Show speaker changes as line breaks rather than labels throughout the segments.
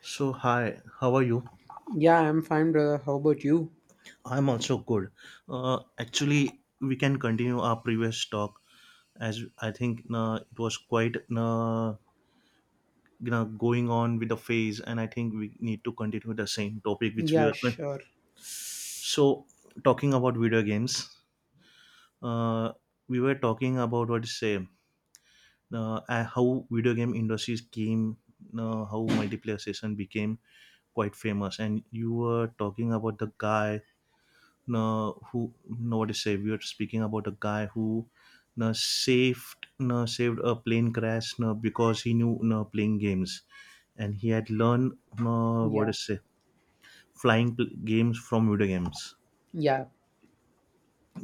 So, hi, how are you?
Yeah, I'm fine, brother. How about you?
I'm also good. Actually, we can continue our previous talk as I think it was quite going on with the phase, and I think we need to continue the same topic which we
Yeah,
were.
sure.
So, talking about video games, uh, we were talking about what to say how video game industries came, how multiplayer session became quite famous, and you were talking about the guy who, no, what to say, we were speaking about a guy who saved a plane crash because he knew playing games, and he had learned what to
Yeah,
say, flying pl- games from video games.
yeah.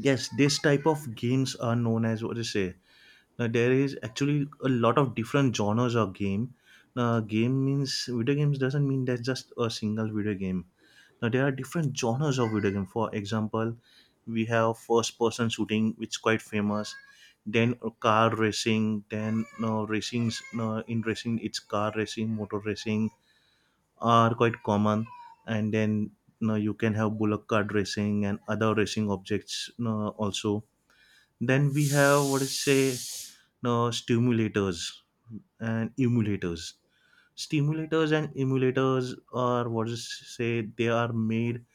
Yes, this type of games are known as what to say. Now there is actually a lot of different genres of game. Now game means video games, doesn't mean that just a single video game. Now there are different genres of video game. For example, we have first person shooting, which is quite famous. Then car racing. Then no racings. No, in racing, it's car racing, motor racing are quite common. And then no, you can have bullock cart racing and other racing objects no, also. Then we have what is say no stimulators and emulators. Stimulators and emulators are what is say they are made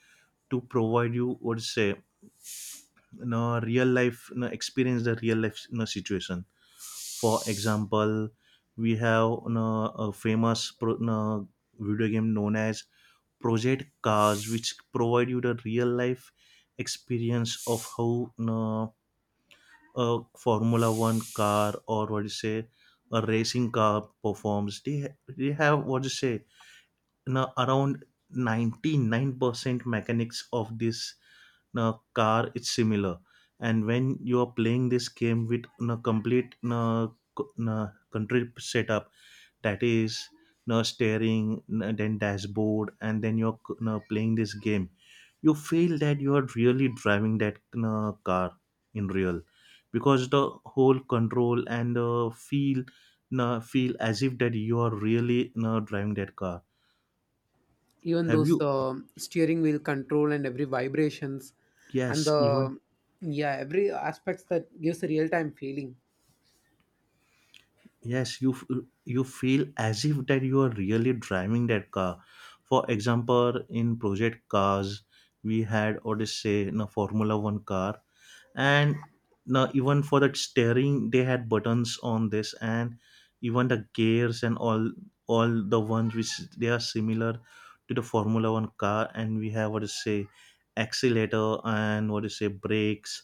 to provide, you would say, real life, experience the real life, situation. For example, we have a famous pro, video game known as Project Cars, which provide you the real life experience of how, a formula one car or what you say a racing car performs. They have, what you say, around 99% mechanics of this car. It's similar. And when you are playing this game with a complete country setup, that is steering, then dashboard, and then you're playing this game, you feel that you are really driving that car in real, because the whole control and the feel as if that you are really driving that car.
Even
Have
those
you,
steering wheel control and every vibrations and
yes, even,
the yeah every aspects that gives a real time feeling.
yes, you feel as if that you are really driving that car. For example, in Project Cars, we had odyssey in a formula one car, and now even for that steering they had buttons on this, and even the gears and all, the ones which they are similar to the formula one car. And we have, what to say, accelerator, and, what to say, brakes,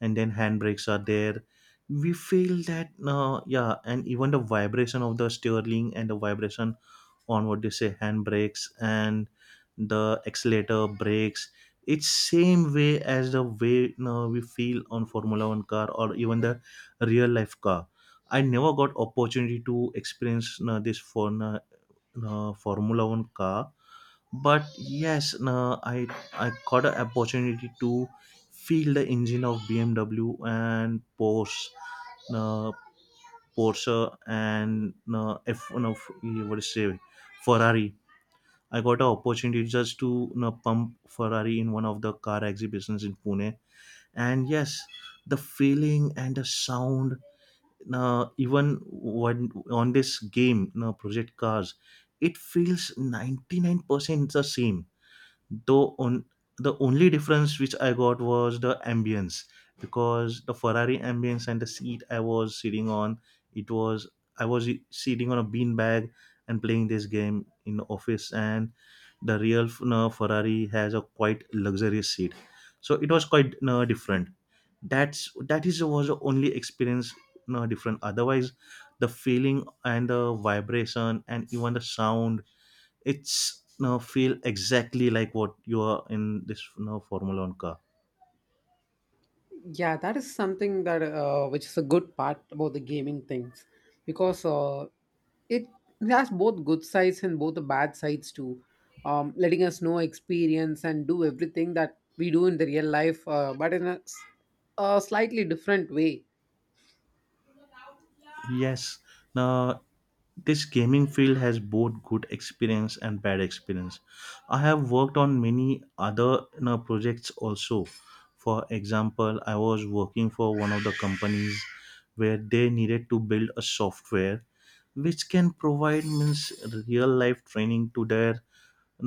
and then handbrakes are there. We feel that yeah, and even the vibration of the steering and the vibration on, what do you say, handbrakes and the accelerator brakes, it's same way as the way, we feel on formula 1 car or even the real life car. I never got opportunity to experience, this for, formula 1 car. But yes, you, i I got an opportunity to feel the engine of BMW and Porsche, you, Porsche, and you, f you know, f- what do say, Ferrari. I got an opportunity just to pump Ferrari in one of the car exhibitions in Pune. And yes, the feeling and the sound, even when on this game, you know, Project Cars, it feels 99% the same, though. On the only difference which I got was the ambience, because the Ferrari ambience and the seat I was sitting on, it was, I was sitting on a beanbag and playing this game in the office, and the real, Ferrari has a quite luxurious seat, so it was quite different. That's, that is was the only experience, different. Otherwise the feeling and the vibration and even the sound, it's now feel exactly like what you are in this now Formula One car.
Yeah, that is something that which is a good part about the gaming things because it has both good sides and both the bad sides too. Letting us know experience and do everything that we do in the real life, but in a slightly different way.
Yes, now this gaming field has both good experience and bad experience. I have worked on many other, projects also. For example, I was working for one of the companies where they needed to build a software which can provide means real life training to their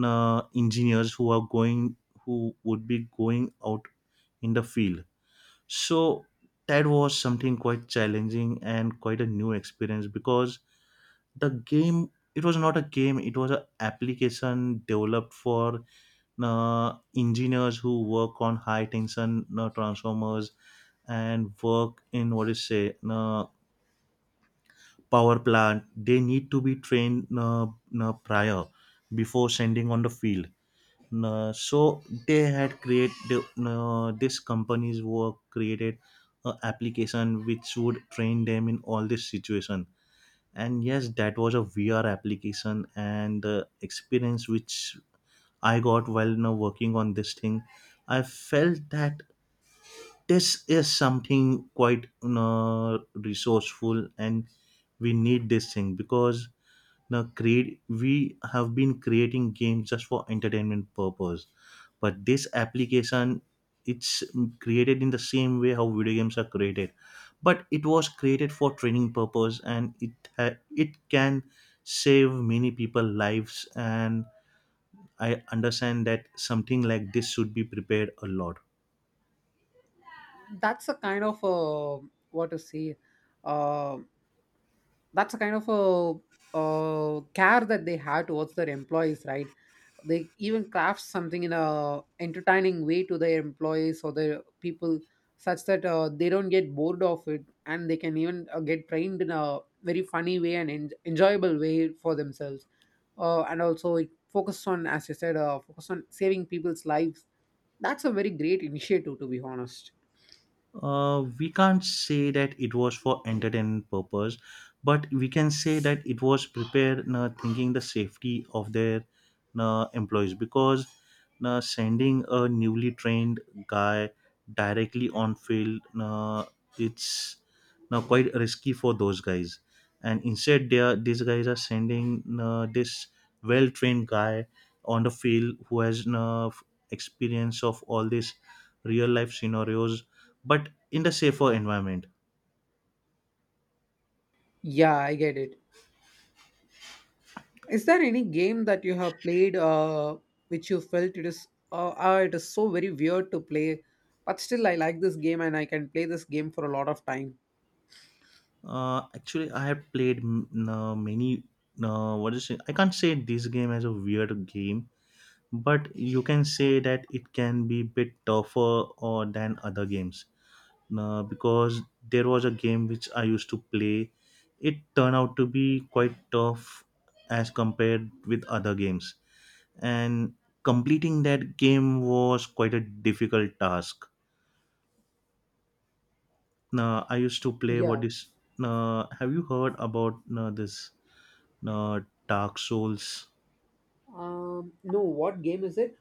engineers who are going, who would be going out in the field. So that was something quite challenging and quite a new experience, because the game, it was not a game, it was an application developed for engineers who work on high tension transformers and work in, what is say, power plant. They need to be trained, prior, before sending on the field. So they had created, this companies were created a application which would train them in all this situation. And yes, that was a VR application, and the experience which I got while now working on this thing, I felt that this is something quite resourceful, and we need this thing. Because now create, we have been creating games just for entertainment purpose, but this application, it's created in the same way how video games are created, but it was created for training purpose, and it can save many people lives. And I understand that something like this should be prepared a lot.
That's a kind of what to say uh, that's a kind of care that they have towards their employees, right? They even craft something in a entertaining way to their employees or their people, such that they don't get bored of it, and they can even get trained in a very funny way and enjoyable way for themselves. And also it focused on, as you said, focus on saving people's lives. That's a very great initiative, to be honest.
We can't say that it was for entertainment purpose, but we can say that it was prepared thinking the safety of their employees, because sending a newly trained guy directly on field, it's now quite risky for those guys, and instead they are these guys are sending this well trained guy on the field who has enough experience of all these real life scenarios, but in the safer environment.
Yeah, I get it. Is there any game that you have played which you felt it is so very weird to play, but still I like this game and I can play this game for a lot of time?
Actually, I have played many. What is it? I can't say this game as a weird game, but you can say that it can be bit tougher or than other games. Because there was a game which I used to play, it turned out to be quite tough as compared with other games, and completing that game was quite a difficult task. I used to play, what
Yeah.
is. Have you heard about this uh, Dark Souls?
No, what game is it?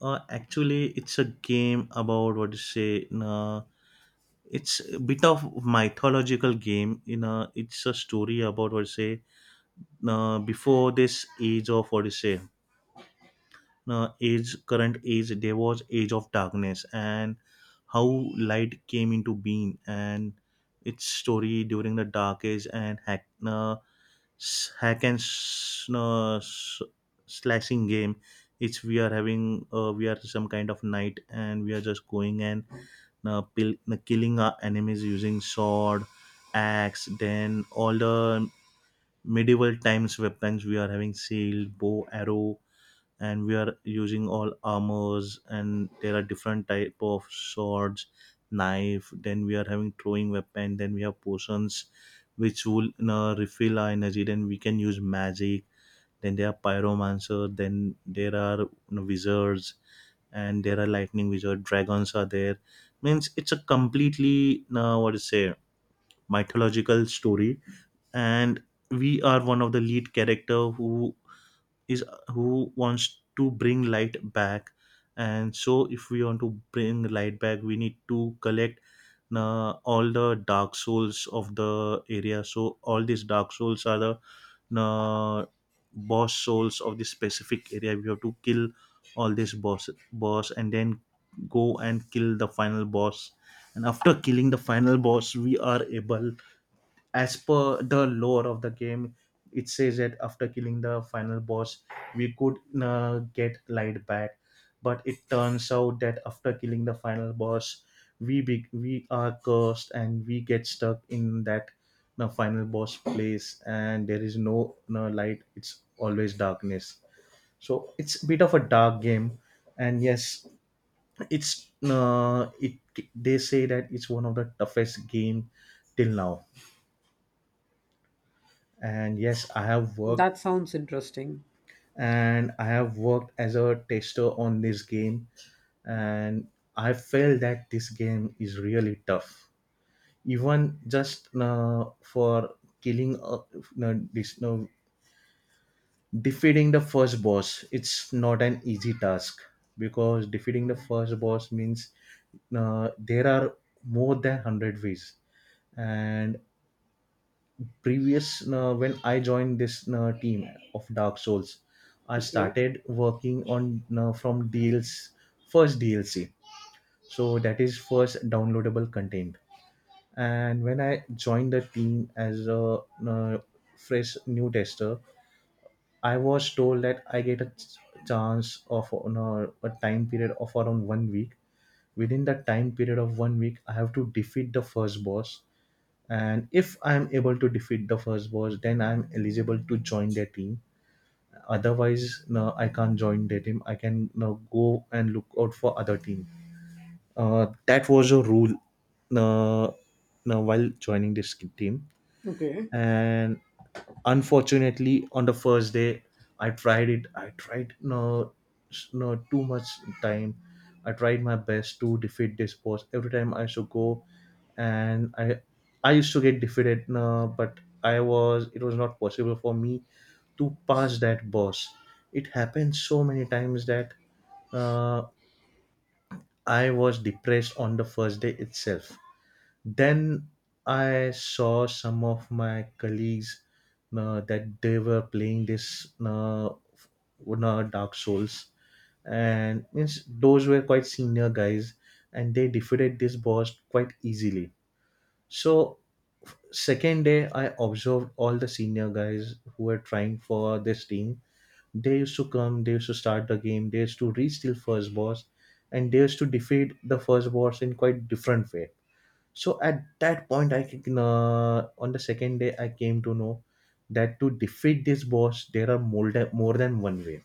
Actually, it's a game about what to say. It's a bit of mythological game. You know, it's a story about what to say. Before this age of what to say. Age Current age, there was age of darkness, and how light came into being, and its story during the dark age, and hack s- hack and s- s- slashing game. It's We are some kind of knight, and we are just going and killing our enemies using sword, axe, then all the medieval times weapons. We are having shield, bow, arrow, and we are using all armors, and there are different type of swords, knife. Then we are having throwing weapon, then we have potions which will refill our energy. Then we can use magic, then there are pyromancer, then there are, wizards, and there are lightning wizard, dragons are there. Means it's a completely what to say mythological story. And we are one of the lead character who wants to bring light back. And so if we want to bring light back, we need to collect all the dark souls of the area. So all these dark souls are the uh, boss souls of this specific area. We have to kill all these boss and then go and kill the final boss. And after killing the final boss, we are able, as per the lore of the game, it says that after killing the final boss, we could get light back. But it turns out that after killing the final boss, we are cursed, and we get stuck in that, the final boss place, and there is no, no light, it's always darkness. So it's a bit of a dark game. And yes, it's it they say that it's one of the toughest game till now. And yes,
That sounds interesting.
I have worked as a tester on this game, and I felt that this game is really tough, even just for killing no, this, no, defeating the first boss, it's not an easy task. Because defeating the first boss means, there are more than 100 ways. And previous, when I joined this team of Dark Souls, I
Okay.
started working on, from DLC, first DLC, so that is first downloadable content. And when I joined the team as a uh, fresh new tester, I was told that I get a chance of a time period of around one week. Within that time period of one week, I have to defeat the first boss, and if I am able to defeat the first boss, then I am Eligible to join their team. Otherwise no, I can't join their team, I can no, go and look out for other team. That was a rule. uh, no, while joining this team.
Okay.
And unfortunately, on the first day I tried it, I tried no, no too much time. I tried my best to defeat this boss. Every time I should go and I used to get defeated, no, but I was it was not possible for me to pass that boss. It happened so many times that uh, I was depressed on the first day itself. Then I saw some of my colleagues, that they were playing this Dark Souls, and means those were quite senior guys, and they defeated this boss quite easily. So second day I observed all the senior guys who were trying for this team. They used to come, they used to start the game, they used to reach till first boss, and they used to defeat the first boss in quite different way. So at that point I can on the second day I came to know that to defeat this boss there are more than one way.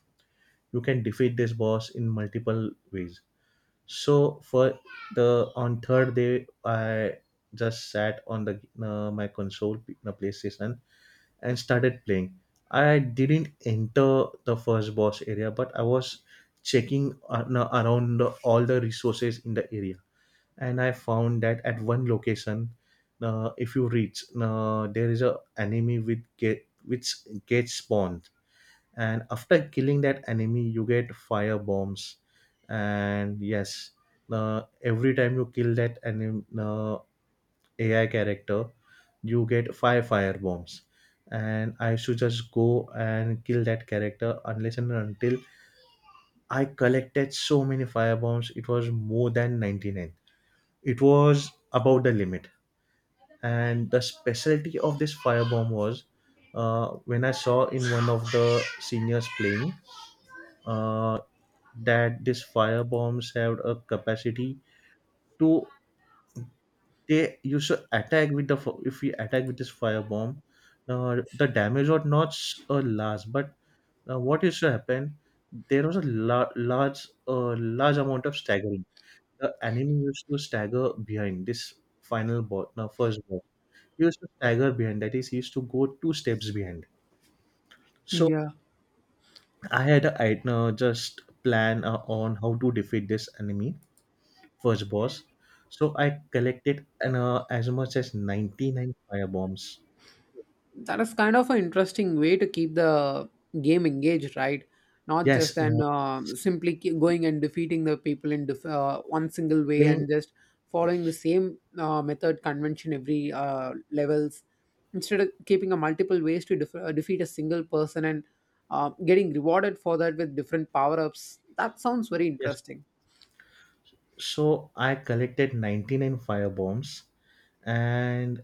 You can defeat this boss in multiple ways. So for the on third day I just sat on the my console, the PlayStation, and started playing. I didn't enter the first boss area, but I was checking, no, around all the resources in the area. And I found that at one location, if you reach, there is a enemy with get, which gets spawned, and after killing that enemy, you get fire bombs. And yes, every time you kill that enemy, AI character, you get 5 fire bombs, and I should just go and kill that character unless and until I collected so many fire bombs. It was more than 99. It was above the limit. And the specialty of this firebomb was, when I saw in one of the seniors playing, uh, that this firebombs have a capacity to, they used to attack with the if we attack with this firebomb, the damage was not large, but what used to happen, there was a large large amount of staggering. The enemy used to stagger behind this final boss now first boss. He used to stagger behind, that is he used to go 2 steps behind. So
Yeah.
I had a just plan, on how to defeat this enemy, first boss. So I collected as much as 99 firebombs.
That is kind of an interesting way to keep the game engaged, right? Not just
Yes,
then
no,
simply going and defeating the people in one single way
playing
and just following the same method convention every levels. Instead of keeping a multiple ways to defeat a single person and getting rewarded for that with different power ups, that sounds very
yes.
interesting.
So I collected 99 firebombs, and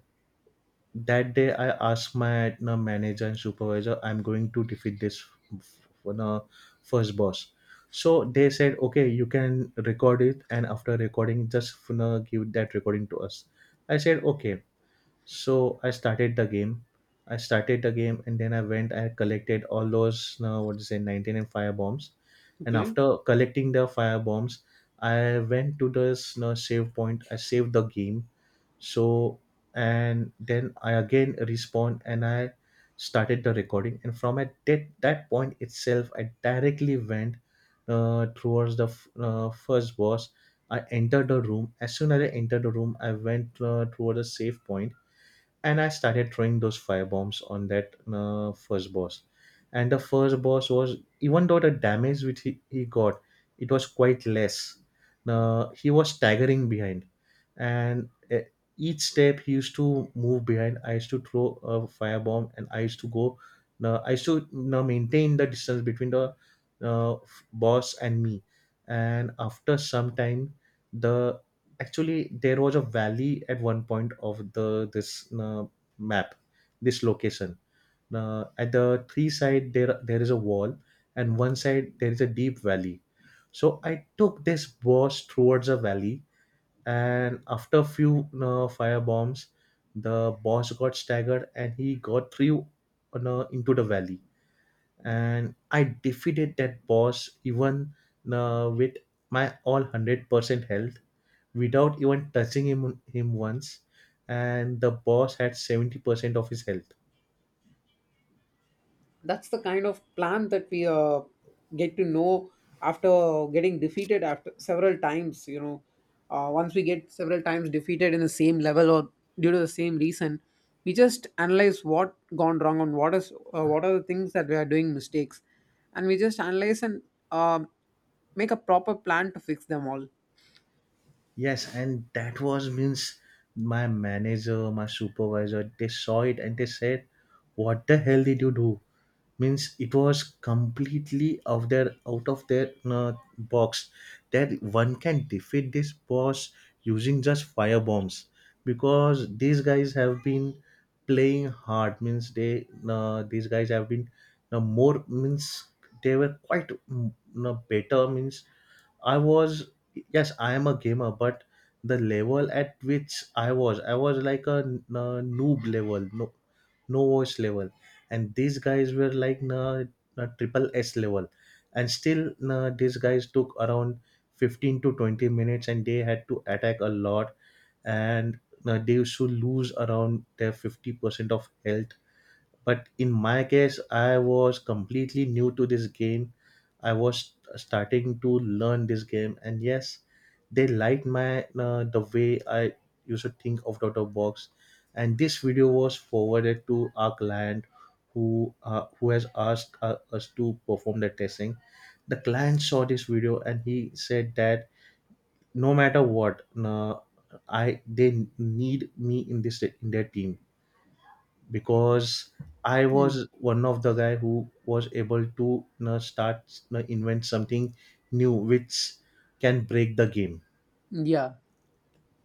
that day I asked my, manager and supervisor, I'm going to defeat this f- you know, first boss. So they said okay, you can record it, and after recording just, give that recording to us. I said okay. So I started the game. I started the game and then I went. I collected all those, 19 and fire bombs. And
Okay.
after collecting the fire bombs, I went to this you save point. I saved the game. So and then I again respawned and I started the recording. And from that point itself, I directly went towards the first boss. I entered the room. As soon as I entered the room, I went toward a safe point and I started throwing those firebombs on that first boss. And the first boss was, even though the damage which he got, it was quite less. He was staggering behind, and each step he used to move behind. I used to throw a firebomb, and I used to go. I used to maintain the distance between the uh, boss and me. And after some time, the actually there was a valley at one point of the this map, this location. Uh, at the three side there is a wall, and one side there is a deep valley. So I took this boss towards a valley, and after a few fire bombs, the boss got staggered and he got through into the valley. And I defeated that boss even with my all 100% health, without even touching him once, and the boss had 70% of his health.
That's the kind of plan that we get to know after getting defeated after several times, you know, once we get several times defeated in the same level, or due to the same reason, we just analyze what gone wrong and what is what are the things that we are doing mistakes, and we just analyze and um make a proper plan to fix them all.
Yes, and that was means my manager, my supervisor, they saw it and they said, "What the hell did you do?" Means it was completely of their out of their box that one can defeat this boss using just fire bombs. Because these guys have been playing hard. Means they these guys have been more means they were quite better. Means I was, yes I am a gamer, but the level at which I was like a, a noob level, no voice level. And these guys were like na triple S level. And still, these guys took around 15 to 20 minutes and they had to attack a lot, and they used to lose around their 50% of health. But in my case, I was completely new to this game, I was starting to learn this game. And yes, they liked my, the way I used to think out of the box. And this video was forwarded to our client, who has asked us to perform the testing. The client saw this video and he said that no matter what, uh, I they need me in this in their team. Because I
Hmm.
was one of the guy who was able to, invent something new which can break the game.
Yeah.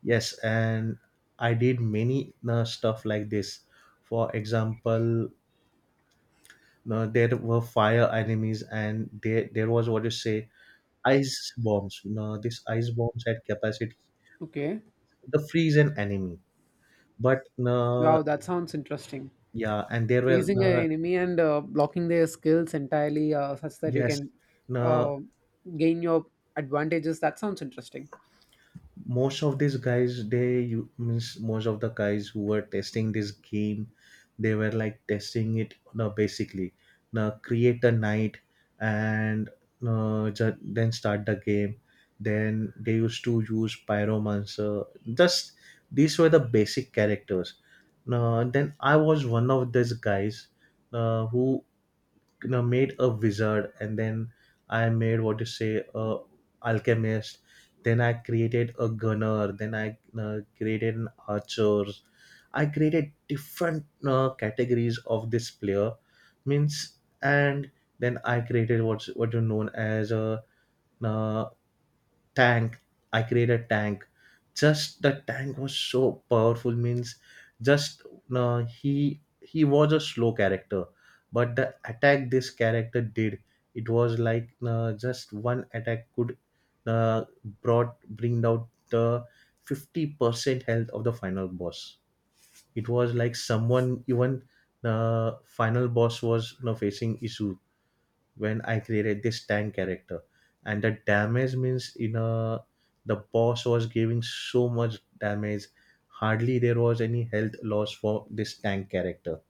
Yes, and I did many stuff like this. For example, there were fire enemies, and there was, what you say, ice bombs. You know, this ice bombs had capacity
Okay.
to freeze an enemy. But
Wow, that sounds interesting.
yeah, and there were
Praising an enemy and blocking their skills entirely, such that you
yes,
can
uh,
uh, gain your advantages. That sounds interesting.
most of these guys, they you means most of the guys who were testing this game, they were like testing it, now basically now create a night, and then start the game, then they used to use pyromancer. Just, these were the basic characters. Now then I was one of these guys, who, you know, made a wizard, and then I made, what you say, a alchemist. Then I created a gunner, then I created an archer. I created different categories of this player, means. And then I created what's what you known as a, uh, tank. I created a tank. Just the tank was so powerful, means, just, he was a slow character, but the attack this character did, it was like, just one attack could uh, brought bring out the 50% health of the final boss. It was like someone even the final boss was, you know, facing issue when I created this tank character. And the damage, means in a, the boss was giving so much damage, hardly there was any health loss for this tank character.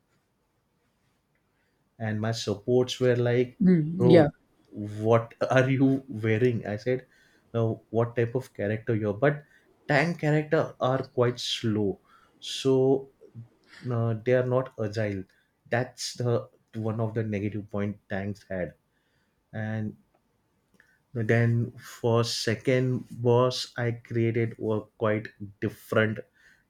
And my supports were like,
Mm, yeah,
"Bro, what are you wearing?" I said, "No, what type of character you're," but tank character are quite slow. So they are not agile. That's the one of the negative point tanks had. And then for second boss, I created a quite different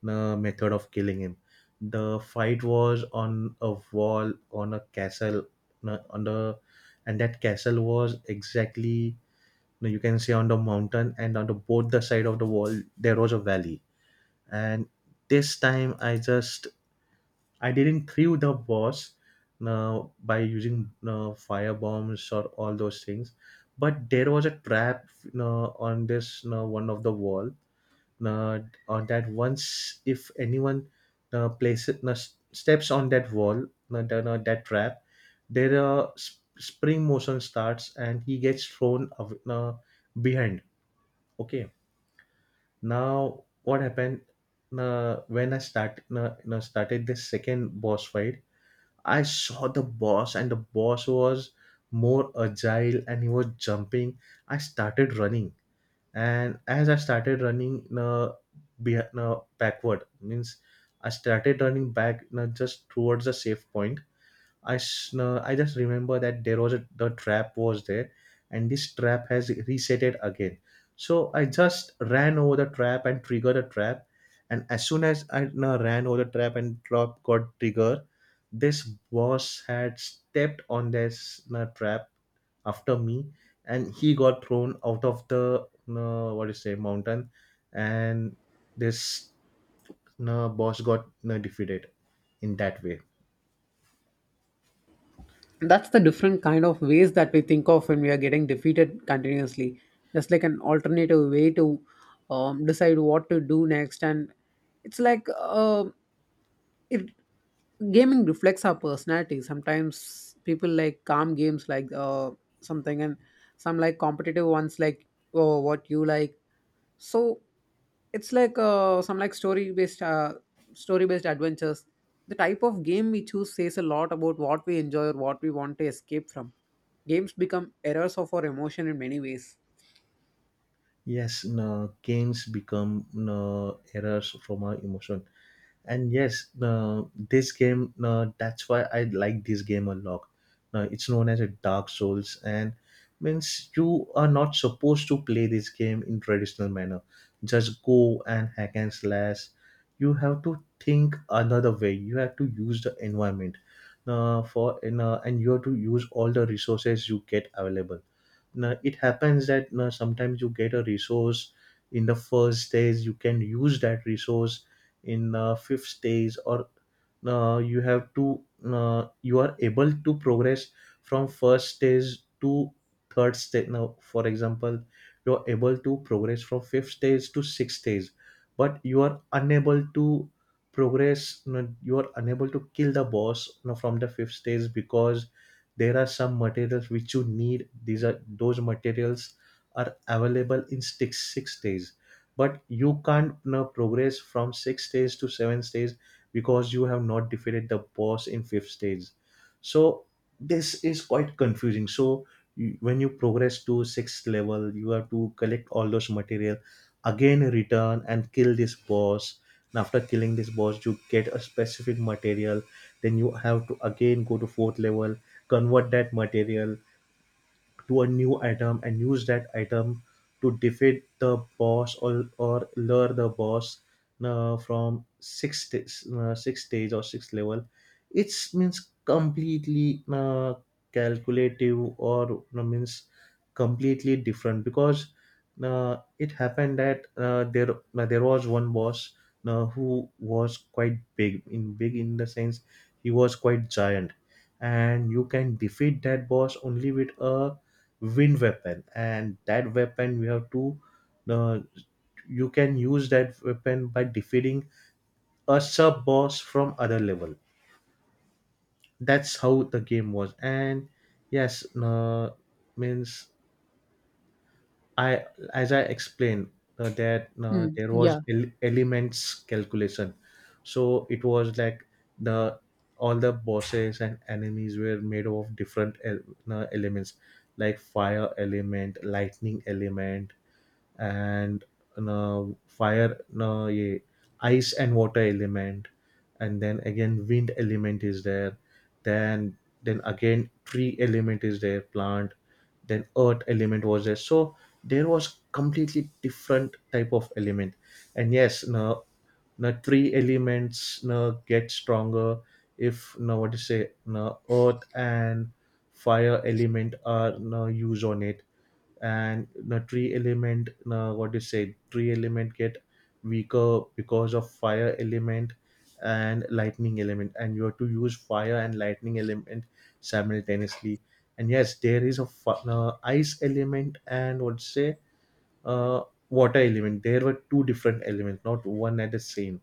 method of killing him. The fight was on a castle, on the and that castle was exactly, you can say, on the mountain, and on the both the side of the wall there was a valley. And this time I just, I didn't threw the boss by using fire bombs or all those things, but there was a trap on this one of the wall. uh, on that, once if anyone steps on that wall, that trap, there spring motion starts and he gets thrown behind. Okay, now what happened? When I start, you know, started the second boss fight, I saw the boss, and the boss was more agile and he was jumping. I started running, and as I started running backward, means I started running back just towards the safe point. I just remember that there was a, the trap was there, and this trap has reset it again. So I just ran over the trap and triggered the trap, and as soon as I ran over the trap and trap got triggered, this boss had stepped on this trap after me, and he got thrown out of the, what do you say, mountain. And this boss got defeated in that way.
That's the different kind of ways that we think of when we are getting defeated continuously, just like an alternative way to decide what to do next. And it's like it gaming reflects our personality. Sometimes people like calm games, like something, and some like competitive ones, like, oh, what you like. So it's like some like story based adventures. The type of game we choose says a lot about what we enjoy or what we want to escape from. Games become errors of our emotion in many ways.
Yes, no, gains become no errors from our emotion. And yes, this game, that's why I like this game a lot. It's known as a dark souls, and means you are not supposed to play this game in traditional manner. Just go and hack and slash. You have to think another way, you have to use the environment, for and you have to use all the resources you get available. Now it happens that you know, sometimes you get a resource in the first days. You can use that resource in fifth stage, or you have to, you are able to progress from first stage to third stage. Now for example, you are able to progress from fifth stage to sixth stage, but you are unable to progress, you, know, you are unable to kill the boss, you know, from the fifth stage, because there are some materials which you need. These are those materials are available in 6 6 days, but you can't now progress from sixth stage to seventh stage because you have not defeated the boss in fifth stage. So this is quite confusing. So when you progress to sixth level you have to collect all those material, again return and kill this boss. And after killing this boss you get a specific material. Then you have to again go to fourth level, convert that material to a new item, and use that item to defeat the boss, or lure the boss from six stage or six level. It's means completely calculative, or means completely different. Because it happened that there, there was one boss, who was quite big in the sense he was quite giant. And you can defeat that boss only with a wind weapon, and that weapon we have to uh, you can use that weapon by defeating a sub boss from other level. That's how the game was. And yes, means, I as I explained, that
Mm,
there was
yeah,
elements calculation. So it was like the all the bosses and enemies were made of different elements, like fire element, lightning element, and fire, yeah, ice and water element. And then again wind element is there, then again tree element is there, plant, then earth element was there. So there was completely different type of element. And yes now, three elements now get stronger if now, what to say, now earth and fire element are now used on it, and the tree element, what do you say, tree element get weaker because of fire element and lightning element. And you have to use fire and lightning element simultaneously. And yes, there is a ice element, and what say uh, water element. There were two different elements, not one at the same.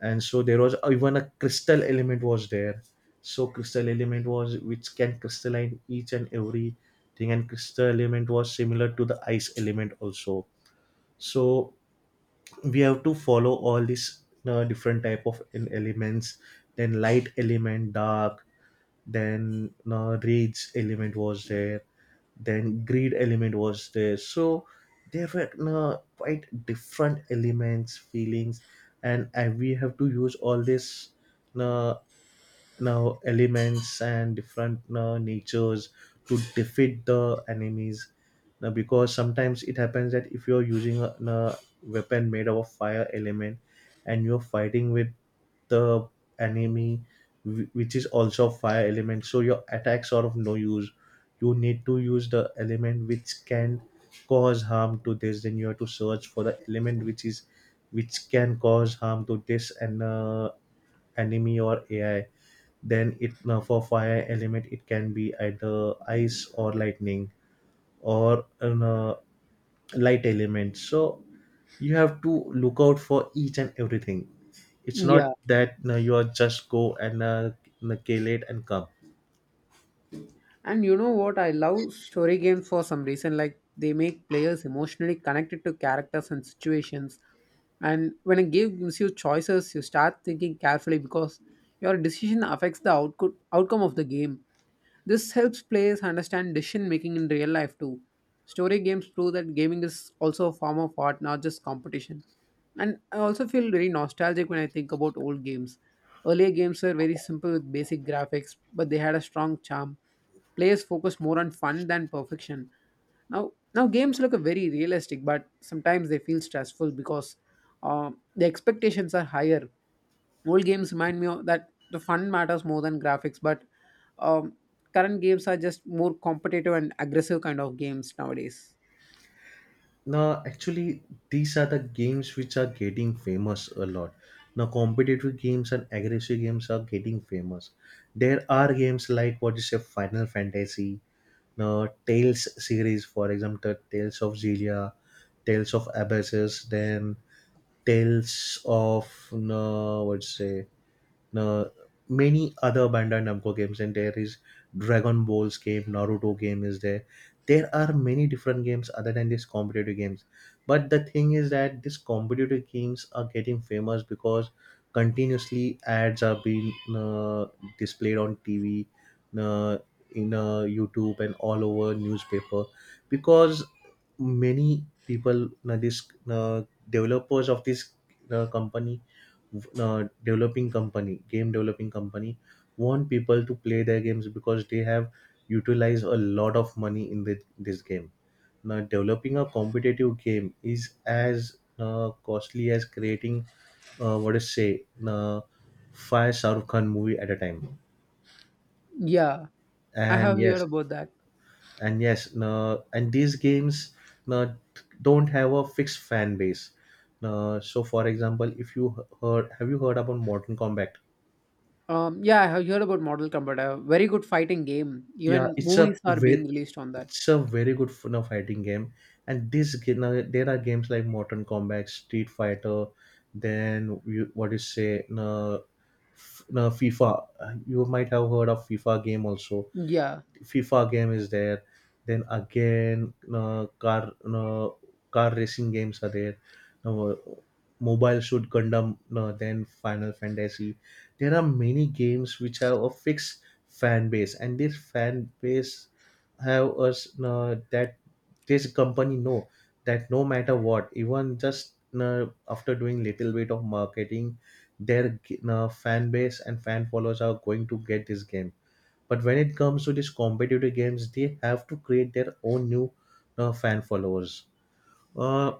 And so there was even a crystal element was there. So crystal element was which can crystalline each and every thing, and crystal element was similar to the ice element also. So we have to follow all these different type of elements. Then light element, dark, then rage element was there, then greed element was there. So there were quite different elements, feelings. And we have to use all these uh, now elements and different natures to defeat the enemies. Now because sometimes it happens that if you're using a weapon made of fire element and you're fighting with the enemy which is also fire element, so your attacks are of no use. You need to use the element which can cause harm to this. Then you have to search for the element which is which can cause harm to this. And anime or AI, then it now for fire element it can be either ice or lightning, or light element. So you have to look out for each and everything. It's not
yeah.
that you, know, you are just go and kill it and come.
And you know what? I love story games for some reason. Like, they make players emotionally connected to characters and situations. And when a game gives you choices, you start thinking carefully because your decision affects the output outcome of the game. This helps players understand decision making in real life too. Story games prove that gaming is also a form of art, not just competition. And I also feel very nostalgic when I think about old games. Earlier games were very simple with basic graphics, but they had a strong charm. Players focused more on fun than perfection. Now games look very realistic, but sometimes they feel stressful because the expectations are higher. Old games remind me of that the fun matters more than graphics, but um, current games are just more competitive and aggressive kind of games nowadays.
Now, actually, these are the games which are getting famous a lot. Now, competitive games and aggressive games are getting famous. There are games like, what you say, Final Fantasy, Tales series, for example, Tales of Xillia, Tales of Abyssus, then Tales of, no, I would say, uh, many other Bandai Namco games, and there is Dragon Balls game, Naruto game is there. There are many different games other than these competitive games. But the thing is that these competitive games are getting famous because continuously ads are being displayed on TV, uh, in YouTube, and all over newspaper, because many people, these developers of this company, developing company, game developing company, want people to play their games because they have utilized a lot of money in this game. Now developing a competitive game is as costly as creating, what is say, five Shahrukh Khan movie at a time.
Yeah, I
And
have heard
yes.
about that.
And and these games uh, don't have a fixed fan base. So for example, if you heard have you heard about Mortal Kombat?
Um, yeah, I have heard about Mortal Kombat. A very good fighting game,
Yeah,
even movies are being released on that.
it's a very good fun of fighting game. And now there are games like Mortal Kombat, Street Fighter, then you, what you say, no, no FIFA. You might have heard of FIFA game also.
Yeah.
FIFA game is there. Then again, car, car racing games are there. Now, mobile shoot Gundam. Then Final Fantasy. There are many games which have a fixed fan base, and this fan base have us, that this company know that no matter what, even just after doing little bit of marketing, their fan base and fan followers are going to get this game. But when it comes to these competitive games, they have to create their own new fan followers. Uh,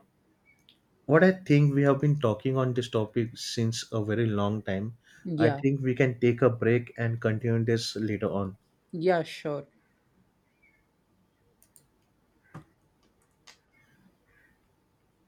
what I think, we have been talking on this topic since a very long time. I
Yeah.
think we can take a break and continue this later on.
Yeah, sure.